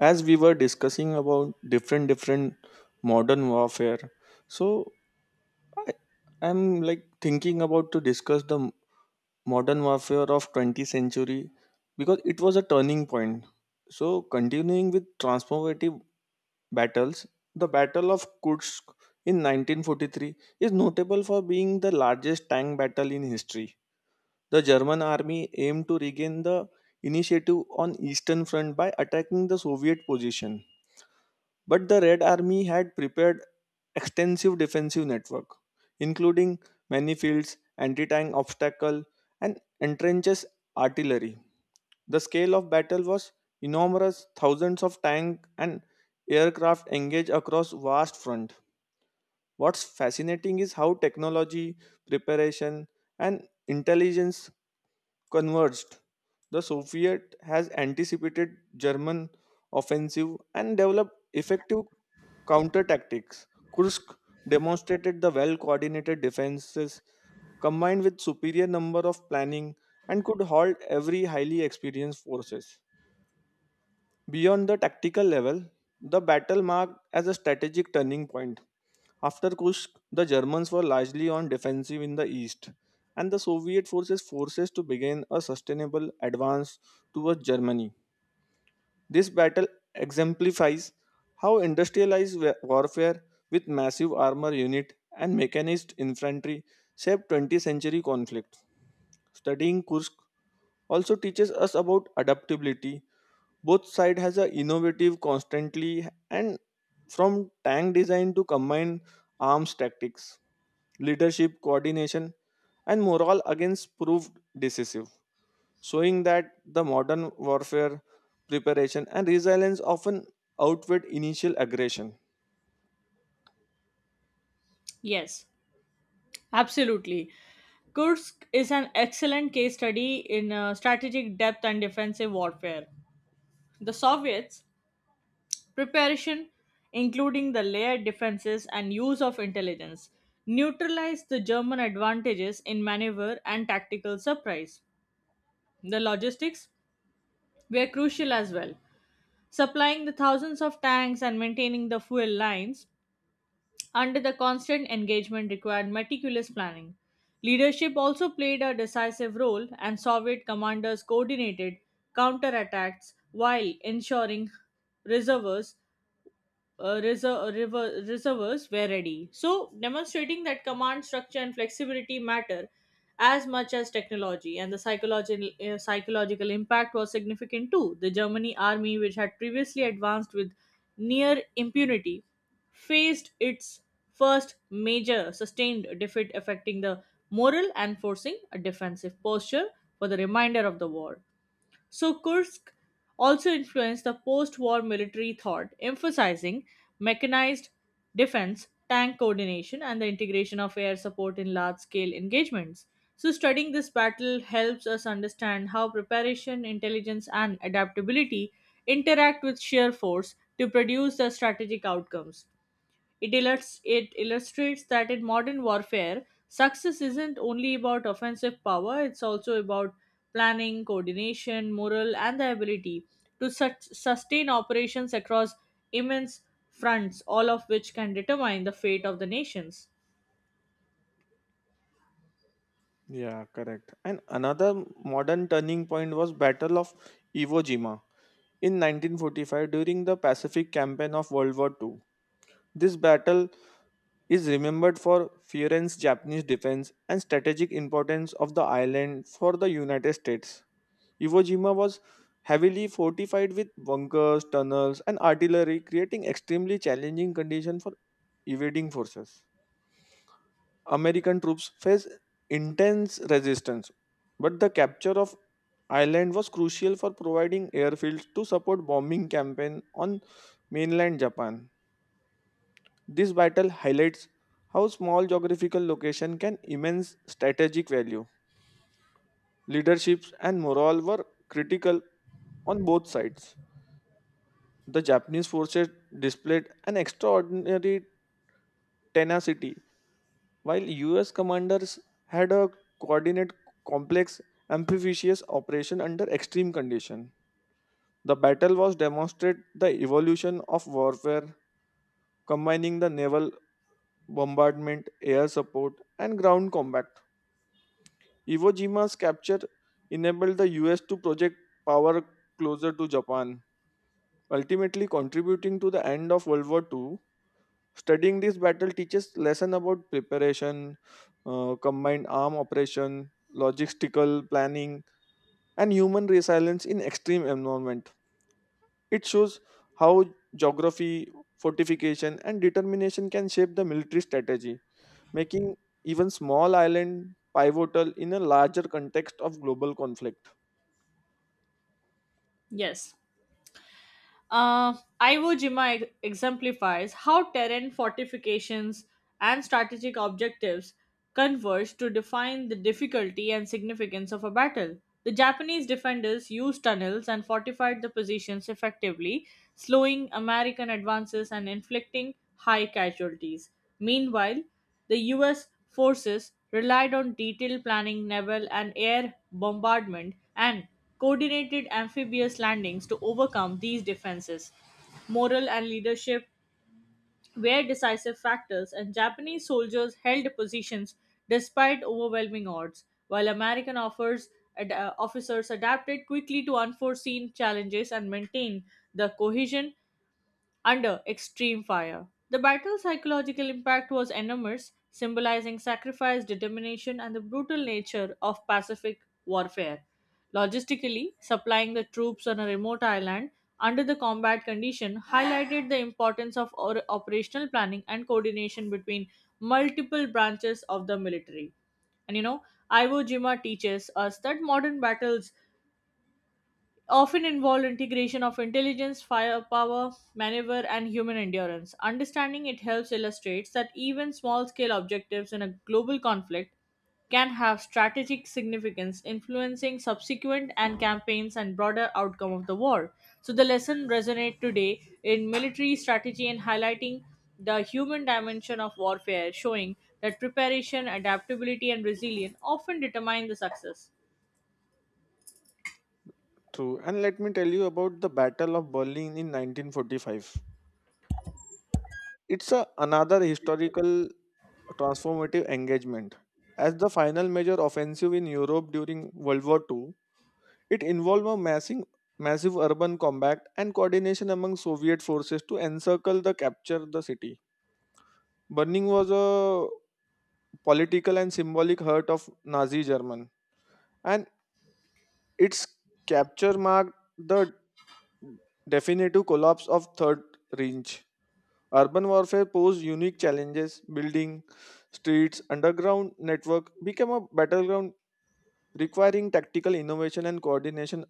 As we were discussing about different modern warfare, so i I'm like thinking about to discuss the modern warfare of 20th century because it was a turning point. So continuing with transformative battles, the battle of Kursk in 1943 is notable for being the largest tank battle in history. The German army aimed to regain the initiative on eastern front by attacking the Soviet position, but the Red Army had prepared extensive defensive network, including many fields, anti-tank obstacle, and entrenches artillery. The scale of battle was enormous, thousands of tank and aircraft engaged across vast front. What's fascinating is how technology, preparation, and intelligence converged. The Soviet has anticipated German offensive and developed effective counter tactics. Kursk demonstrated the well coordinated defenses combined with superior number of planning and could halt every highly experienced forces. Beyond the tactical level, the battle marked as a strategic turning point. After Kursk, the Germans were largely on defensive in the east, and the Soviet forces to begin a sustainable advance towards Germany. This battle exemplifies how industrialized warfare with massive armor unit and mechanized infantry shaped 20th century conflict. Studying Kursk also teaches us about adaptability. Both sides has a innovative constantly and from tank design to combined arms tactics. Leadership, coordination, and morale against proved decisive, showing that the modern warfare preparation and resilience often outweighed initial aggression. Yes, absolutely. Kursk is an excellent case study in strategic depth and defensive warfare. The Soviets' preparation, including the layered defenses and use of intelligence, neutralized the German advantages in maneuver and tactical surprise. The logistics were crucial as well, supplying the thousands of tanks and maintaining the fuel lines under the constant engagement required meticulous planning. Leadership also played a decisive role, and Soviet commanders coordinated counterattacks while ensuring reserves reservoirs were ready. So, demonstrating that command structure and flexibility matter as much as technology, and the psychological impact was significant too. The Germany army, which had previously advanced with near impunity, faced its first major sustained defeat, affecting the morale and forcing a defensive posture for the remainder of the war. So Kursk also influenced the post war military thought, emphasizing mechanized defense, tank coordination, and the integration of air support in large scale engagements. So, studying this battle helps us understand how preparation, intelligence, and adaptability interact with sheer force to produce the strategic outcomes. It illustrates that in modern warfare, success isn't only about offensive power, it's also about planning, coordination, morale, and the ability to sustain operations across immense fronts, all of which can determine the fate of the nations. Yeah, correct. And another modern turning point was Battle of Iwo Jima in 1945 during the Pacific campaign of World War II. This battle is remembered for fierce Japanese defense and strategic importance of the island for the United States. Iwo Jima was heavily fortified with bunkers, tunnels, and artillery, creating extremely challenging conditions for evading forces. American troops faced intense resistance, but the capture of island was crucial for providing airfields to support bombing campaign on mainland Japan. This battle highlights how small geographical location can immense strategic value. Leaderships and morale were critical on both sides. The Japanese forces displayed an extraordinary tenacity, while US commanders had a coordinate, complex, amphibious operation under extreme conditions. The battle was demonstrate the evolution of warfare, combining the naval bombardment, air support, and ground combat. Iwo Jima's capture enabled the US to project power closer to Japan, ultimately contributing to the end of World War II. Studying this battle teaches lesson about preparation, combined arm operation, logistical planning, and human resilience in extreme environment. It shows how geography, fortification, and determination can shape the military strategy, making even small island pivotal in a larger context of global conflict. Yes. Uh, Iwo Jima exemplifies how terrain fortifications and strategic objectives converge to define the difficulty and significance of a battle. The Japanese defenders used tunnels and fortified the positions effectively, slowing American advances and inflicting high casualties. Meanwhile, the US forces relied on detailed planning, naval and air bombardment, and coordinated amphibious landings to overcome these defenses. Moral and leadership were decisive factors, and Japanese soldiers held positions despite overwhelming odds, while American officers adapted quickly to unforeseen challenges and maintained the cohesion under extreme fire. The battle's psychological impact was enormous, symbolizing sacrifice, determination, and the brutal nature of Pacific warfare. Logistically, supplying the troops on a remote island under the combat condition highlighted the importance of operational planning and coordination between multiple branches of the military. And Iwo Jima teaches us that modern battles often involve integration of intelligence, firepower, maneuver, and human endurance. Understanding it helps illustrates that even small scale objectives in a global conflict can have strategic significance influencing subsequent and campaigns and broader outcome of the war, so the lesson resonates today in military strategy and highlighting the human dimension of warfare, showing that preparation adaptability and resilience often determine the success. True, and let me tell you about the Battle of Berlin in 1945. It's a, another historical transformative engagement. As the final major offensive in Europe during World War II, it involved a massing, massive urban combat and coordination among Soviet forces to encircle the capture the city. Burning was a political and symbolic hurt of Nazi German, and its capture marked the definitive collapse of Third Reich. Urban warfare posed unique challenges. Building streets, underground network became a battleground requiring tactical innovation and coordination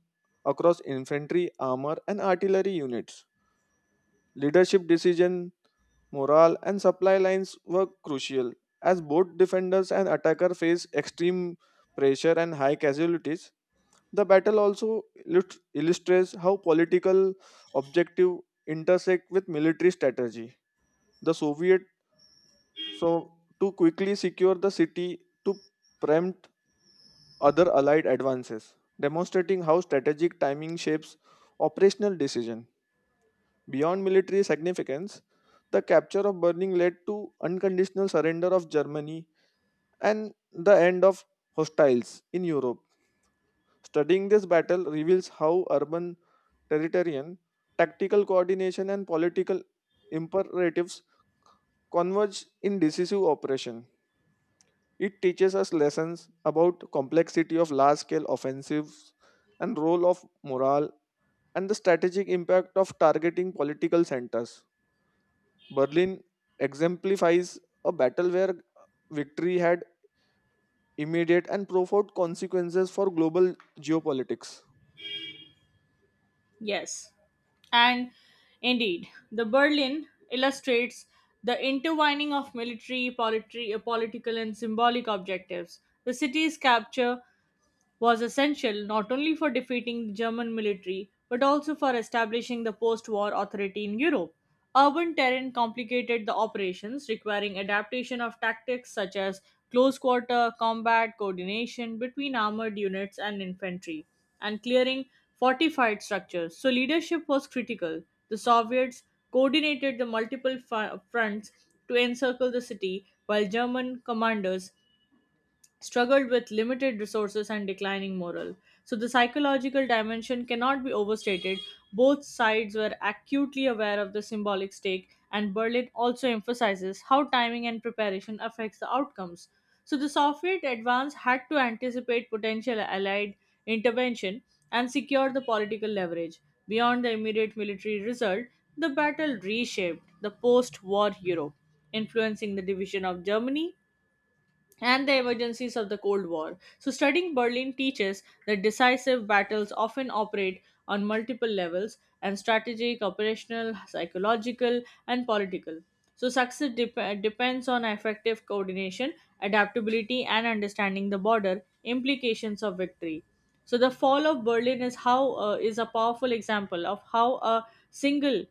across infantry, armor, and artillery units. Leadership decision, morale, and supply lines were crucial as both defenders and attacker face extreme pressure and high casualties. The battle also illustrates how political objective intersect with military strategy. The Soviet so, to quickly secure the city to preempt other allied advances, demonstrating how strategic timing shapes operational decision. Beyond military significance, the capture of Berlin led to unconditional surrender of Germany and the end of hostiles in Europe. Studying this battle reveals how urban territorial, tactical coordination, and political imperatives converge in decisive operation. It teaches us lessons about complexity of large-scale offensives and role of morale and the strategic impact of targeting political centers. Berlin exemplifies a battle where victory had immediate and profound consequences for global geopolitics. Yes. And indeed, the Berlin illustrates the intertwining of political, and symbolic objectives. The city's capture was essential not only for defeating the German military but also for establishing the post war authority in Europe. Urban terrain complicated the operations, requiring adaptation of tactics such as close quarter combat, coordination between armored units and infantry, and clearing fortified structures. So, leadership was critical. The Soviets coordinated the multiple fronts to encircle the city, while German commanders struggled with limited resources and declining morale. So the psychological dimension cannot be overstated. Both sides were acutely aware of the symbolic stake, and Berlin also emphasizes how timing and preparation affects the outcomes. So the Soviet advance had to anticipate potential Allied intervention and secure the political leverage. Beyond the immediate military result, the battle reshaped the post war Europe, influencing the division of Germany and the emergencies of the Cold War. So, studying Berlin teaches that decisive battles often operate on multiple levels and strategic, operational, psychological, and political. So, depends on effective coordination, adaptability, and understanding the border implications of victory. So, the fall of Berlin is a powerful example of how a single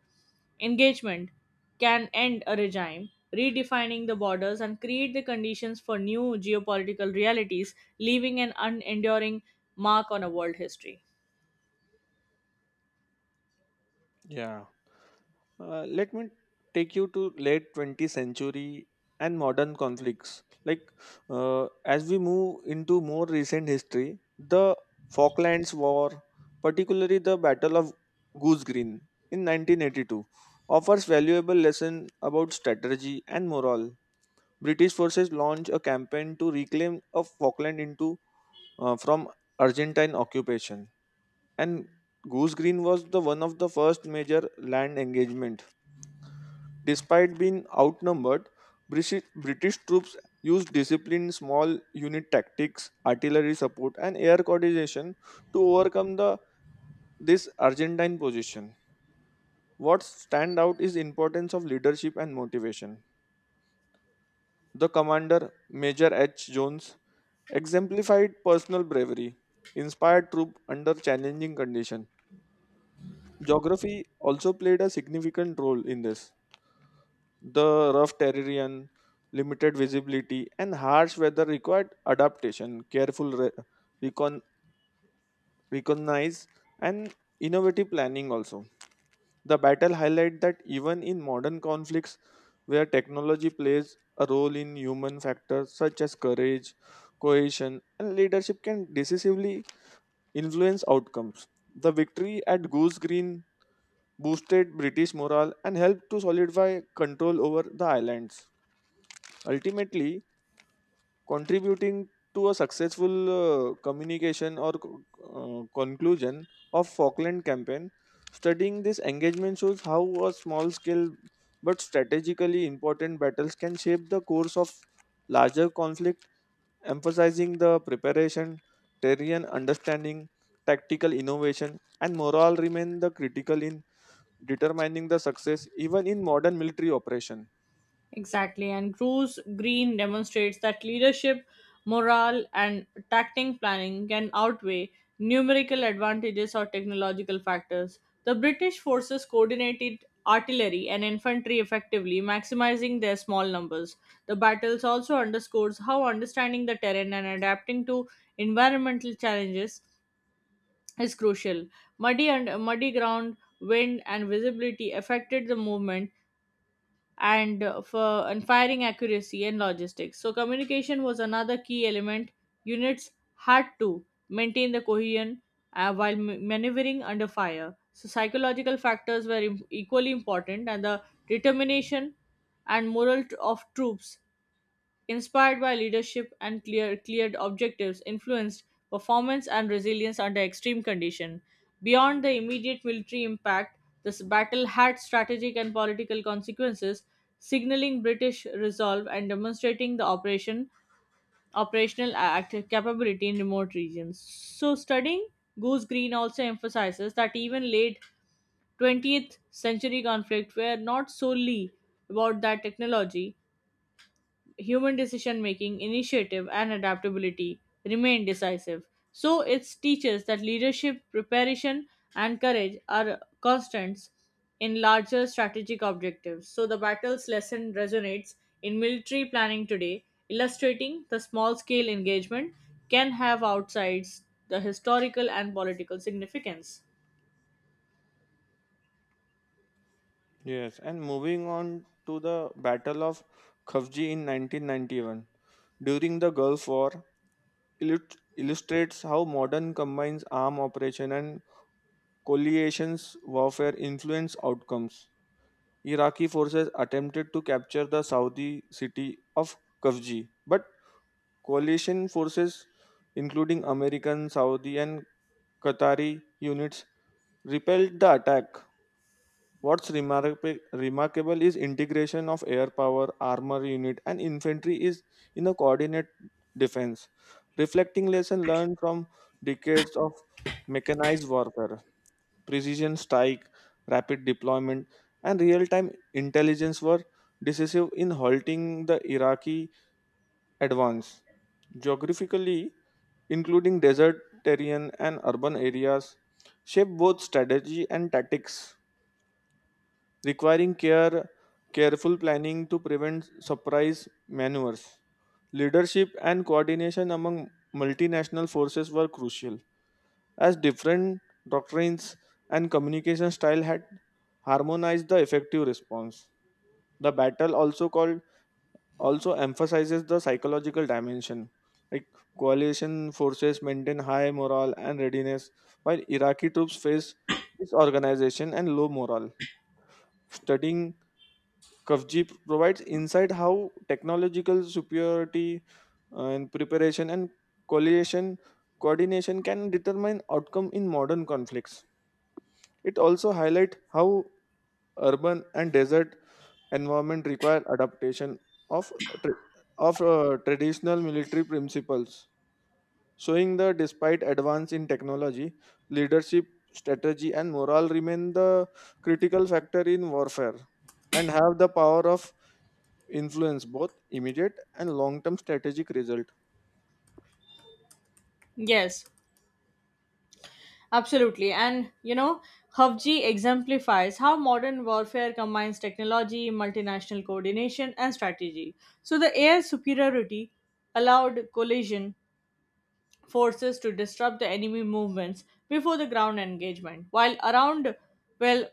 engagement can end a regime, redefining the borders and create the conditions for new geopolitical realities, leaving an unenduring mark on a world history. Yeah. Let me take you to late 20th century and modern conflicts. Like as we move into more recent history, the Falklands War, particularly the Battle of Goose Green in 1982, offers valuable lesson about strategy and morale. British forces launched a campaign to reclaim of Falkland into from Argentine occupation, and Goose Green was the one of the first major land engagement. Despite being outnumbered, British troops used disciplined small unit tactics, artillery support, and air coordination to overcome the this Argentine position. What stand out is importance of leadership and motivation. The commander, Major H. Jones, exemplified personal bravery, inspired troop under challenging conditions. Geography also played a significant role in this. The rough terrain, limited visibility, and harsh weather required adaptation, careful recon- recognize, and innovative planning also. The battle highlight that even in modern conflicts where technology plays a role in human factors such as courage, cohesion, and leadership can decisively influence outcomes. The victory at Goose Green boosted British morale and helped to solidify control over the islands. Ultimately, contributing to a successful communication or conclusion of Falkland campaign. Studying this engagement shows how a small scale but strategically important battles can shape the course of larger conflict, emphasizing the preparation, terrain understanding, tactical innovation, and morale remain the critical in determining the success even in modern military operation. Exactly, and Bruce Green demonstrates that leadership, morale, and tactic planning can outweigh numerical advantages or technological factors. The British forces coordinated artillery and infantry effectively, maximizing their small numbers. The battles also underscores how understanding the terrain and adapting to environmental challenges is crucial. Muddy and muddy ground, wind, and visibility affected the movement, and firing accuracy and logistics. So communication was another key element. Units had to maintain the cohesion while maneuvering under fire. So psychological factors were equally important, and the determination and morale of troops inspired by leadership and cleared objectives, influenced performance and resilience under extreme conditions. Beyond the immediate military impact, this battle had strategic and political consequences, signaling British resolve and demonstrating the operational act capability in remote regions. So studying Goose Green also emphasizes that even late 20th century conflicts were not solely about that technology, human decision making, initiative, and adaptability remain decisive. So it teaches that leadership, preparation, and courage are constants in larger strategic objectives. So the battle's lesson resonates in military planning today, illustrating the small scale engagement can have outsides the historical and political significance. Yes, and moving on to the Battle of Kavji in 1991 during the Gulf War illustrates how modern combines arm operation and coalitions warfare influence outcomes. Iraqi forces attempted to capture the Saudi city of Kavji, but coalition forces including American, Saudi and Qatari units repelled the attack. What's remarkable is integration of air power, armor unit, and infantry is in a coordinate defense, reflecting lesson learned from decades of mechanized warfare. Precision strike, rapid deployment, and real-time intelligence were decisive in halting the Iraqi advance. Geographically, including desert terrain and urban areas, shape both strategy and tactics requiring careful planning to prevent surprise maneuvers. Leadership and coordination among multinational forces were crucial, as different doctrines and communication style had harmonized the effective response. The battle also emphasizes the psychological dimension. Like coalition forces maintain high morale and readiness, while Iraqi troops face disorganization and low morale. Studying Kavji provides insight how technological superiority and preparation and coalition coordination can determine outcome in modern conflicts. It also highlights how urban and desert environment require adaptation of tra- traditional military principles, showing that despite advance in technology, leadership, strategy, and morale remain the critical factor in warfare and have the power of influence both immediate and long term strategic result. Yes, absolutely. And HUFG exemplifies how modern warfare combines technology, multinational coordination, and strategy. So the air superiority allowed coalition forces to disrupt the enemy movements before the ground engagement, while around well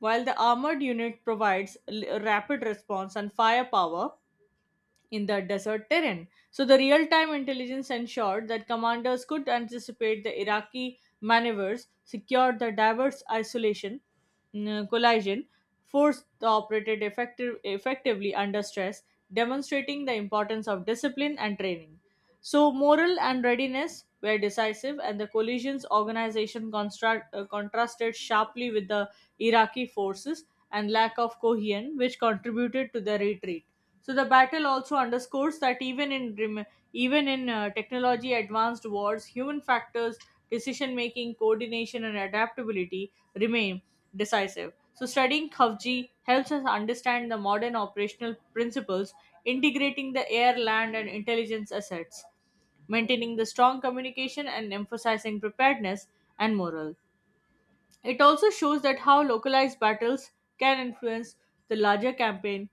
while the armored unit provides rapid response and firepower in the desert terrain. So the real-time intelligence ensured that commanders could anticipate the Iraqi maneuvers, secure the diverse isolation collision, force the effectively under stress, demonstrating the importance of discipline and training. So morale and readiness were decisive, and the coalition's organization contrasted sharply with the Iraqi forces and lack of cohesion, which contributed to the retreat. So the battle also underscores that even in technology advanced wars, human factors, decision making, coordination, and adaptability remain decisive. So studying Khavji helps us understand the modern operational principles, integrating the air, land, and intelligence assets, maintaining the strong communication and emphasizing preparedness and morale. It also shows that how localized battles can influence the larger campaign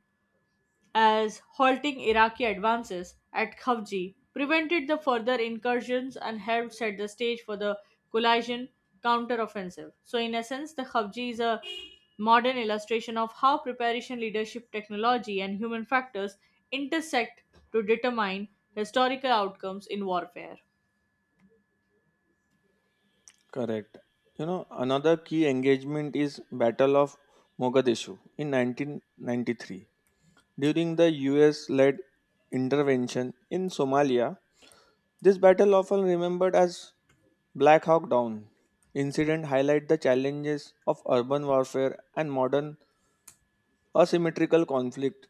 as halting Iraqi advances at Kavji prevented the further incursions and helped set the stage for the Kulaisian counteroffensive. So, in essence, the Kavji is a modern illustration of how preparation, leadership, technology, and human factors intersect to determine historical outcomes in warfare. Correct. You know, another key engagement is battle of Mogadishu in 1993 during the US led intervention in Somalia. This battle often remembered as Black Hawk Down incident highlight the challenges of urban warfare and modern asymmetrical conflict.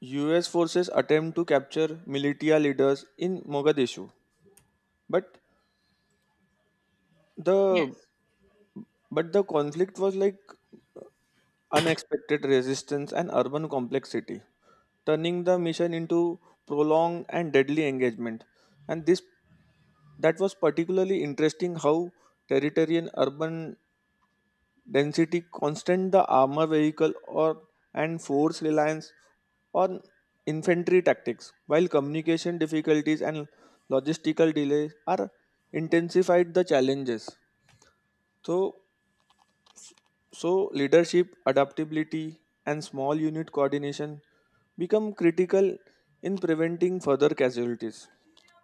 US forces attempt to capture militia leaders in Mogadishu, but The Yes. but the conflict was like unexpected resistance and urban complexity, turning the mission into prolonged and deadly engagement. And this that was particularly interesting how territorial urban density constant the armor vehicle or and force reliance on infantry tactics while communication difficulties and logistical delays are intensified the challenges. So So, leadership, adaptability, and small unit coordination become critical in preventing further casualties.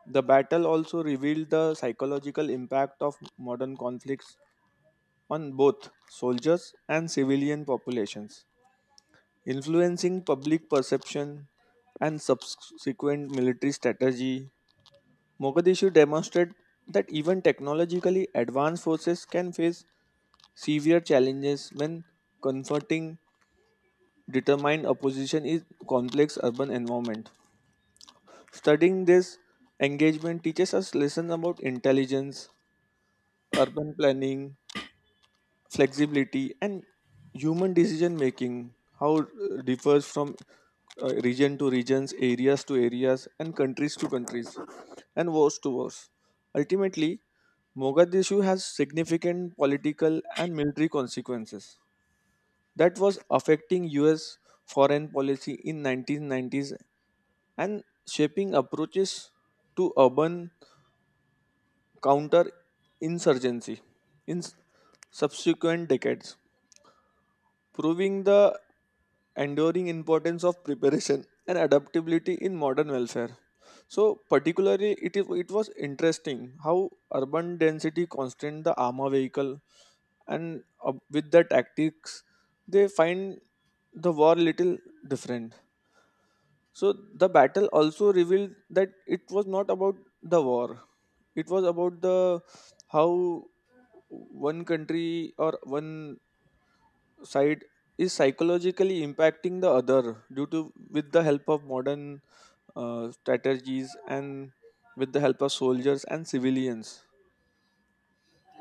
The battle also revealed the psychological impact of modern conflicts on both soldiers and civilian populations, influencing public perception and subsequent military strategy. Mogadishu demonstrated that even technologically advanced forces can face severe challenges when confronting determine a position in complex urban environment. Studying this engagement teaches us lessons about intelligence, urban planning, flexibility, and human decision making, how it differs from region to regions, areas to areas, and countries to countries, and wars to wars. Ultimately, Mogadishu has significant political and military consequences that was affecting US foreign policy in 1990s and shaping approaches to urban counterinsurgency in subsequent decades, proving the enduring importance of preparation and adaptability in modern welfare. So, particularly, it was interesting how urban density constrained the armor vehicle, and with the tactics, they find the war little different. So, the battle also revealed that it was not about the war, it was about the how one country or one side is psychologically impacting the other due to with the help of modern strategies and with the help of soldiers and civilians.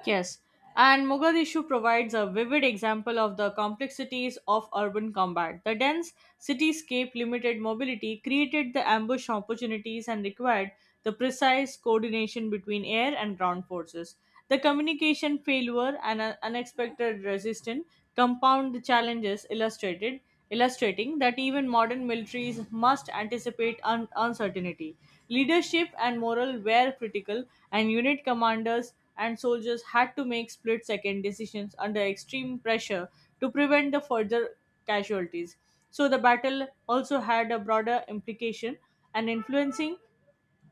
Yes, and Mogadishu provides a vivid example of the complexities of urban combat. The dense cityscape, limited mobility, created the ambush opportunities and required the precise coordination between air and ground forces. The communication failure and unexpected resistance compound the illustrating that even modern militaries must anticipate uncertainty. Leadership and morale were critical, and unit commanders and soldiers had to make split second decisions under extreme pressure to prevent the further casualties. So the battle also had a broader implication and influencing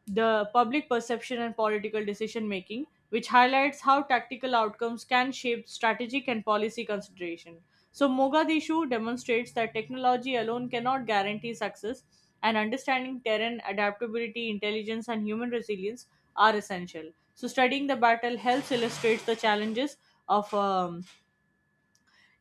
the public perception and political decision making, which highlights how tactical outcomes can shape strategic and policy consideration. So, Mogadishu demonstrates that technology alone cannot guarantee success, and understanding terrain, adaptability, intelligence, and human resilience are essential. So, studying the battle helps illustrate the challenges of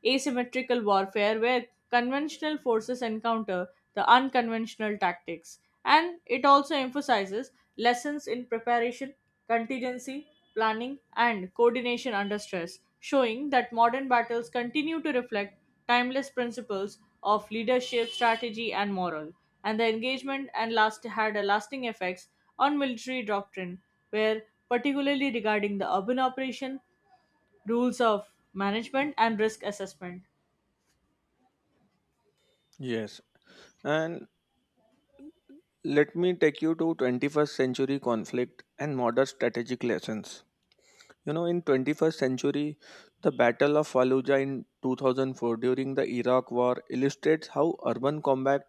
asymmetrical warfare where conventional forces encounter the unconventional tactics, and it also emphasizes lessons in preparation, contingency planning and coordination under stress, showing that modern battles continue to reflect timeless principles of leadership strategy and morale. And the engagement and last had a lasting effects on military doctrine, where particularly regarding the urban operation, rules of management and risk assessment. Yes, and let me take you to 21st century conflict and modern strategic lessons. You know, in 21st century, the Battle of Fallujah in 2004 during the Iraq War illustrates how urban combat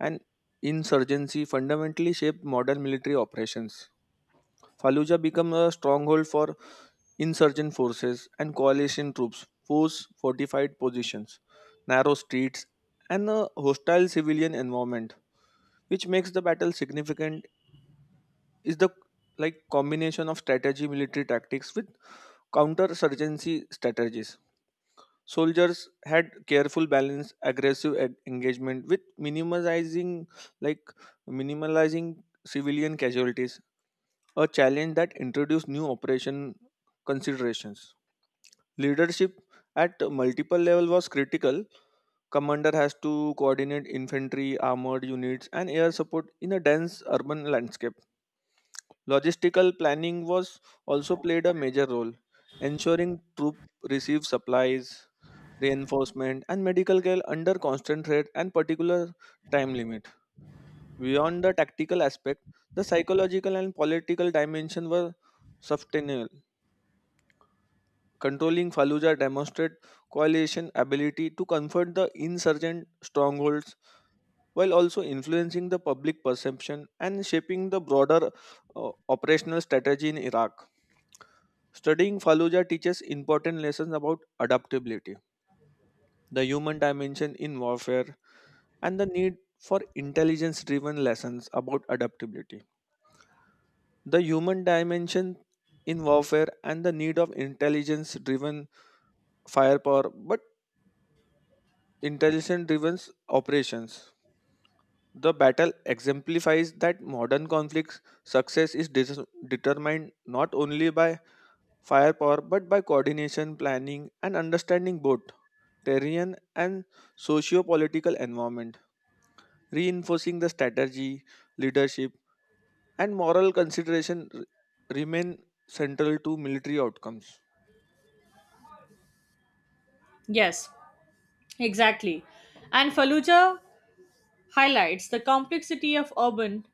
and insurgency fundamentally shaped modern military operations. Fallujah became a stronghold for insurgent forces and coalition troops, force fortified positions, narrow streets, and a hostile civilian environment. Which makes the battle significant is the like combination of strategy, military tactics with counter-surgency strategies. Soldiers had careful balance, aggressive engagement with minimizing like minimalizing civilian casualties, a challenge that introduced new operation considerations. Leadership at multiple level was critical. Commander has to coordinate infantry, armored units, and air support in a dense urban landscape. Logistical planning was also played a major role, ensuring troops received supplies, reinforcement, and medical care under constant threat and particular time limit. Beyond the tactical aspect, the psychological and political dimension were sustainable. Controlling Fallujah demonstrated coalition ability to comfort the insurgent strongholds while also influencing the public perception and shaping the broader operational strategy in Iraq. Studying Fallujah teaches important lessons about adaptability, the human dimension in warfare, and the need for intelligence driven lessons about adaptability. The human dimension in warfare and the need of intelligence driven firepower, but intelligence driven operations. The battle exemplifies that modern conflicts success is determined not only by firepower but by coordination, planning, and understanding both terrain and socio political environment, reinforcing the strategy, leadership, and moral consideration remain central to military outcomes. Yes, exactly. And Fallujah, highlights the complexity of urban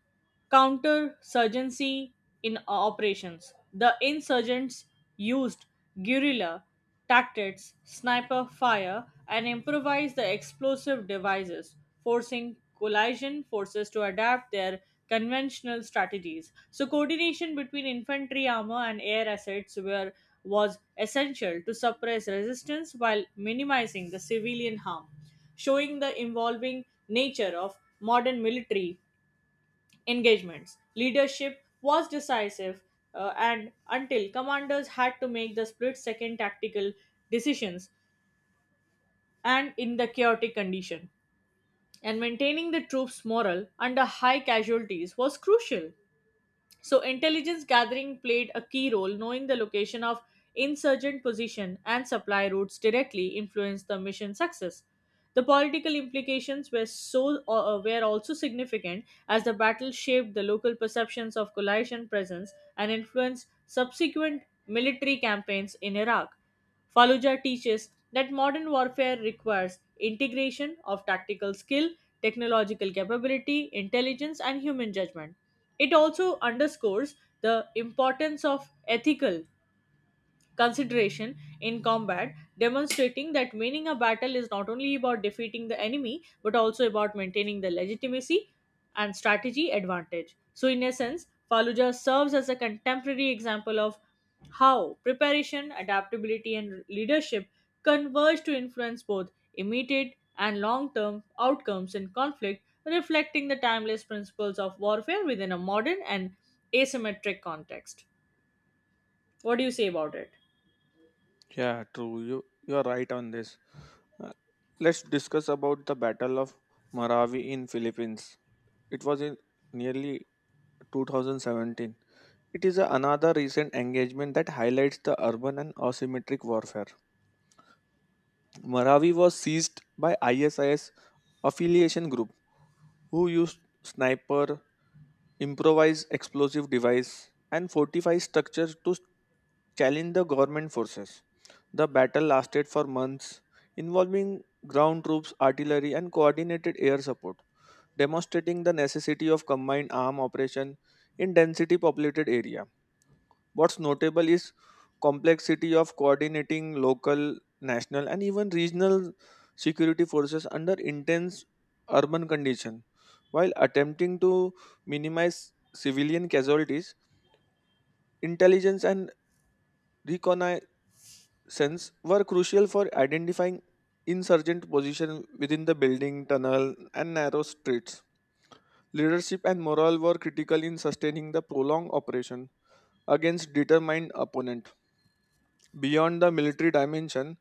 counterinsurgency in operations. The insurgents used guerrilla tactics, sniper fire, and improvised the explosive devices, forcing coalition forces to adapt their conventional strategies. So coordination between infantry armor and air assets were was essential to suppress resistance while minimizing the civilian harm, showing the evolving nature of modern military engagements. Leadership was decisive, and until commanders had to make the split second tactical decisions and in the chaotic condition. And maintaining the troops' morale under high casualties was crucial. So, intelligence gathering played a key role. Knowing the location of insurgent position and supply routes directly influenced the mission success. The political implications were also significant as the battle shaped the local perceptions of coalition presence and influenced subsequent military campaigns in Iraq. Fallujah teaches that modern warfare requires integration of tactical skill, technological capability, intelligence, and human judgment. It also underscores the importance of ethical consideration in combat, demonstrating that winning a battle is not only about defeating the enemy but also about maintaining the legitimacy and strategy advantage. So, in essence, Fallujah serves as a contemporary example of how preparation, adaptability, and leadership converge to influence both immediate and long term outcomes in conflict, reflecting the timeless principles of warfare within a modern and asymmetric context. What do you say about it? Yeah, true. You are right on this. Uh, let's discuss about the battle of Marawi in Philippines. It was in nearly 2017. It is another recent engagement that highlights the urban and asymmetric warfare. Marawi was seized by ISIS affiliation group who used sniper, improvise explosive device, and fortify structures to challenge the government forces. The battle lasted for months, involving ground troops, artillery, and coordinated air support, demonstrating the necessity of combined arm operation in density populated area. What's notable is complexity of coordinating local, national, and even regional security forces under intense urban condition. While attempting to minimize civilian casualties, intelligence and reconnaissance were crucial for identifying insurgent position within the building, tunnel, and narrow streets. Leadership and morale were critical in sustaining the prolonged operation against determined opponents. Beyond the military dimension,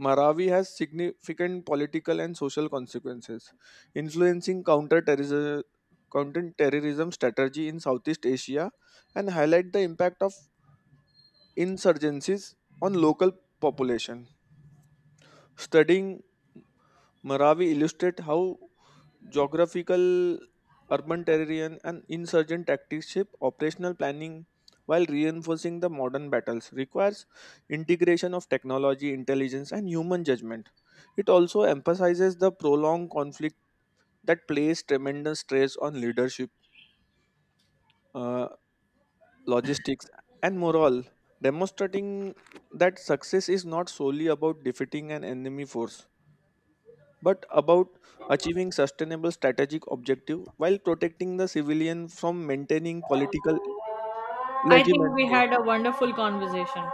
Marawi has significant political and social consequences, influencing counter-terrorism strategy in Southeast Asia and highlight the impact of insurgencies on local population. Studying Maravi illustrate how geographical, urban terrain, and insurgent tactics shape operational planning while reinforcing the modern battles requires integration of technology, intelligence, and human judgment. It also emphasizes the prolonged conflict that places tremendous stress on leadership, uh, logistics, and morale, demonstrating that success is not solely about defeating an enemy force but about achieving sustainable strategic objective while protecting the civilian from maintaining political I think we legitimacy. had a wonderful conversation.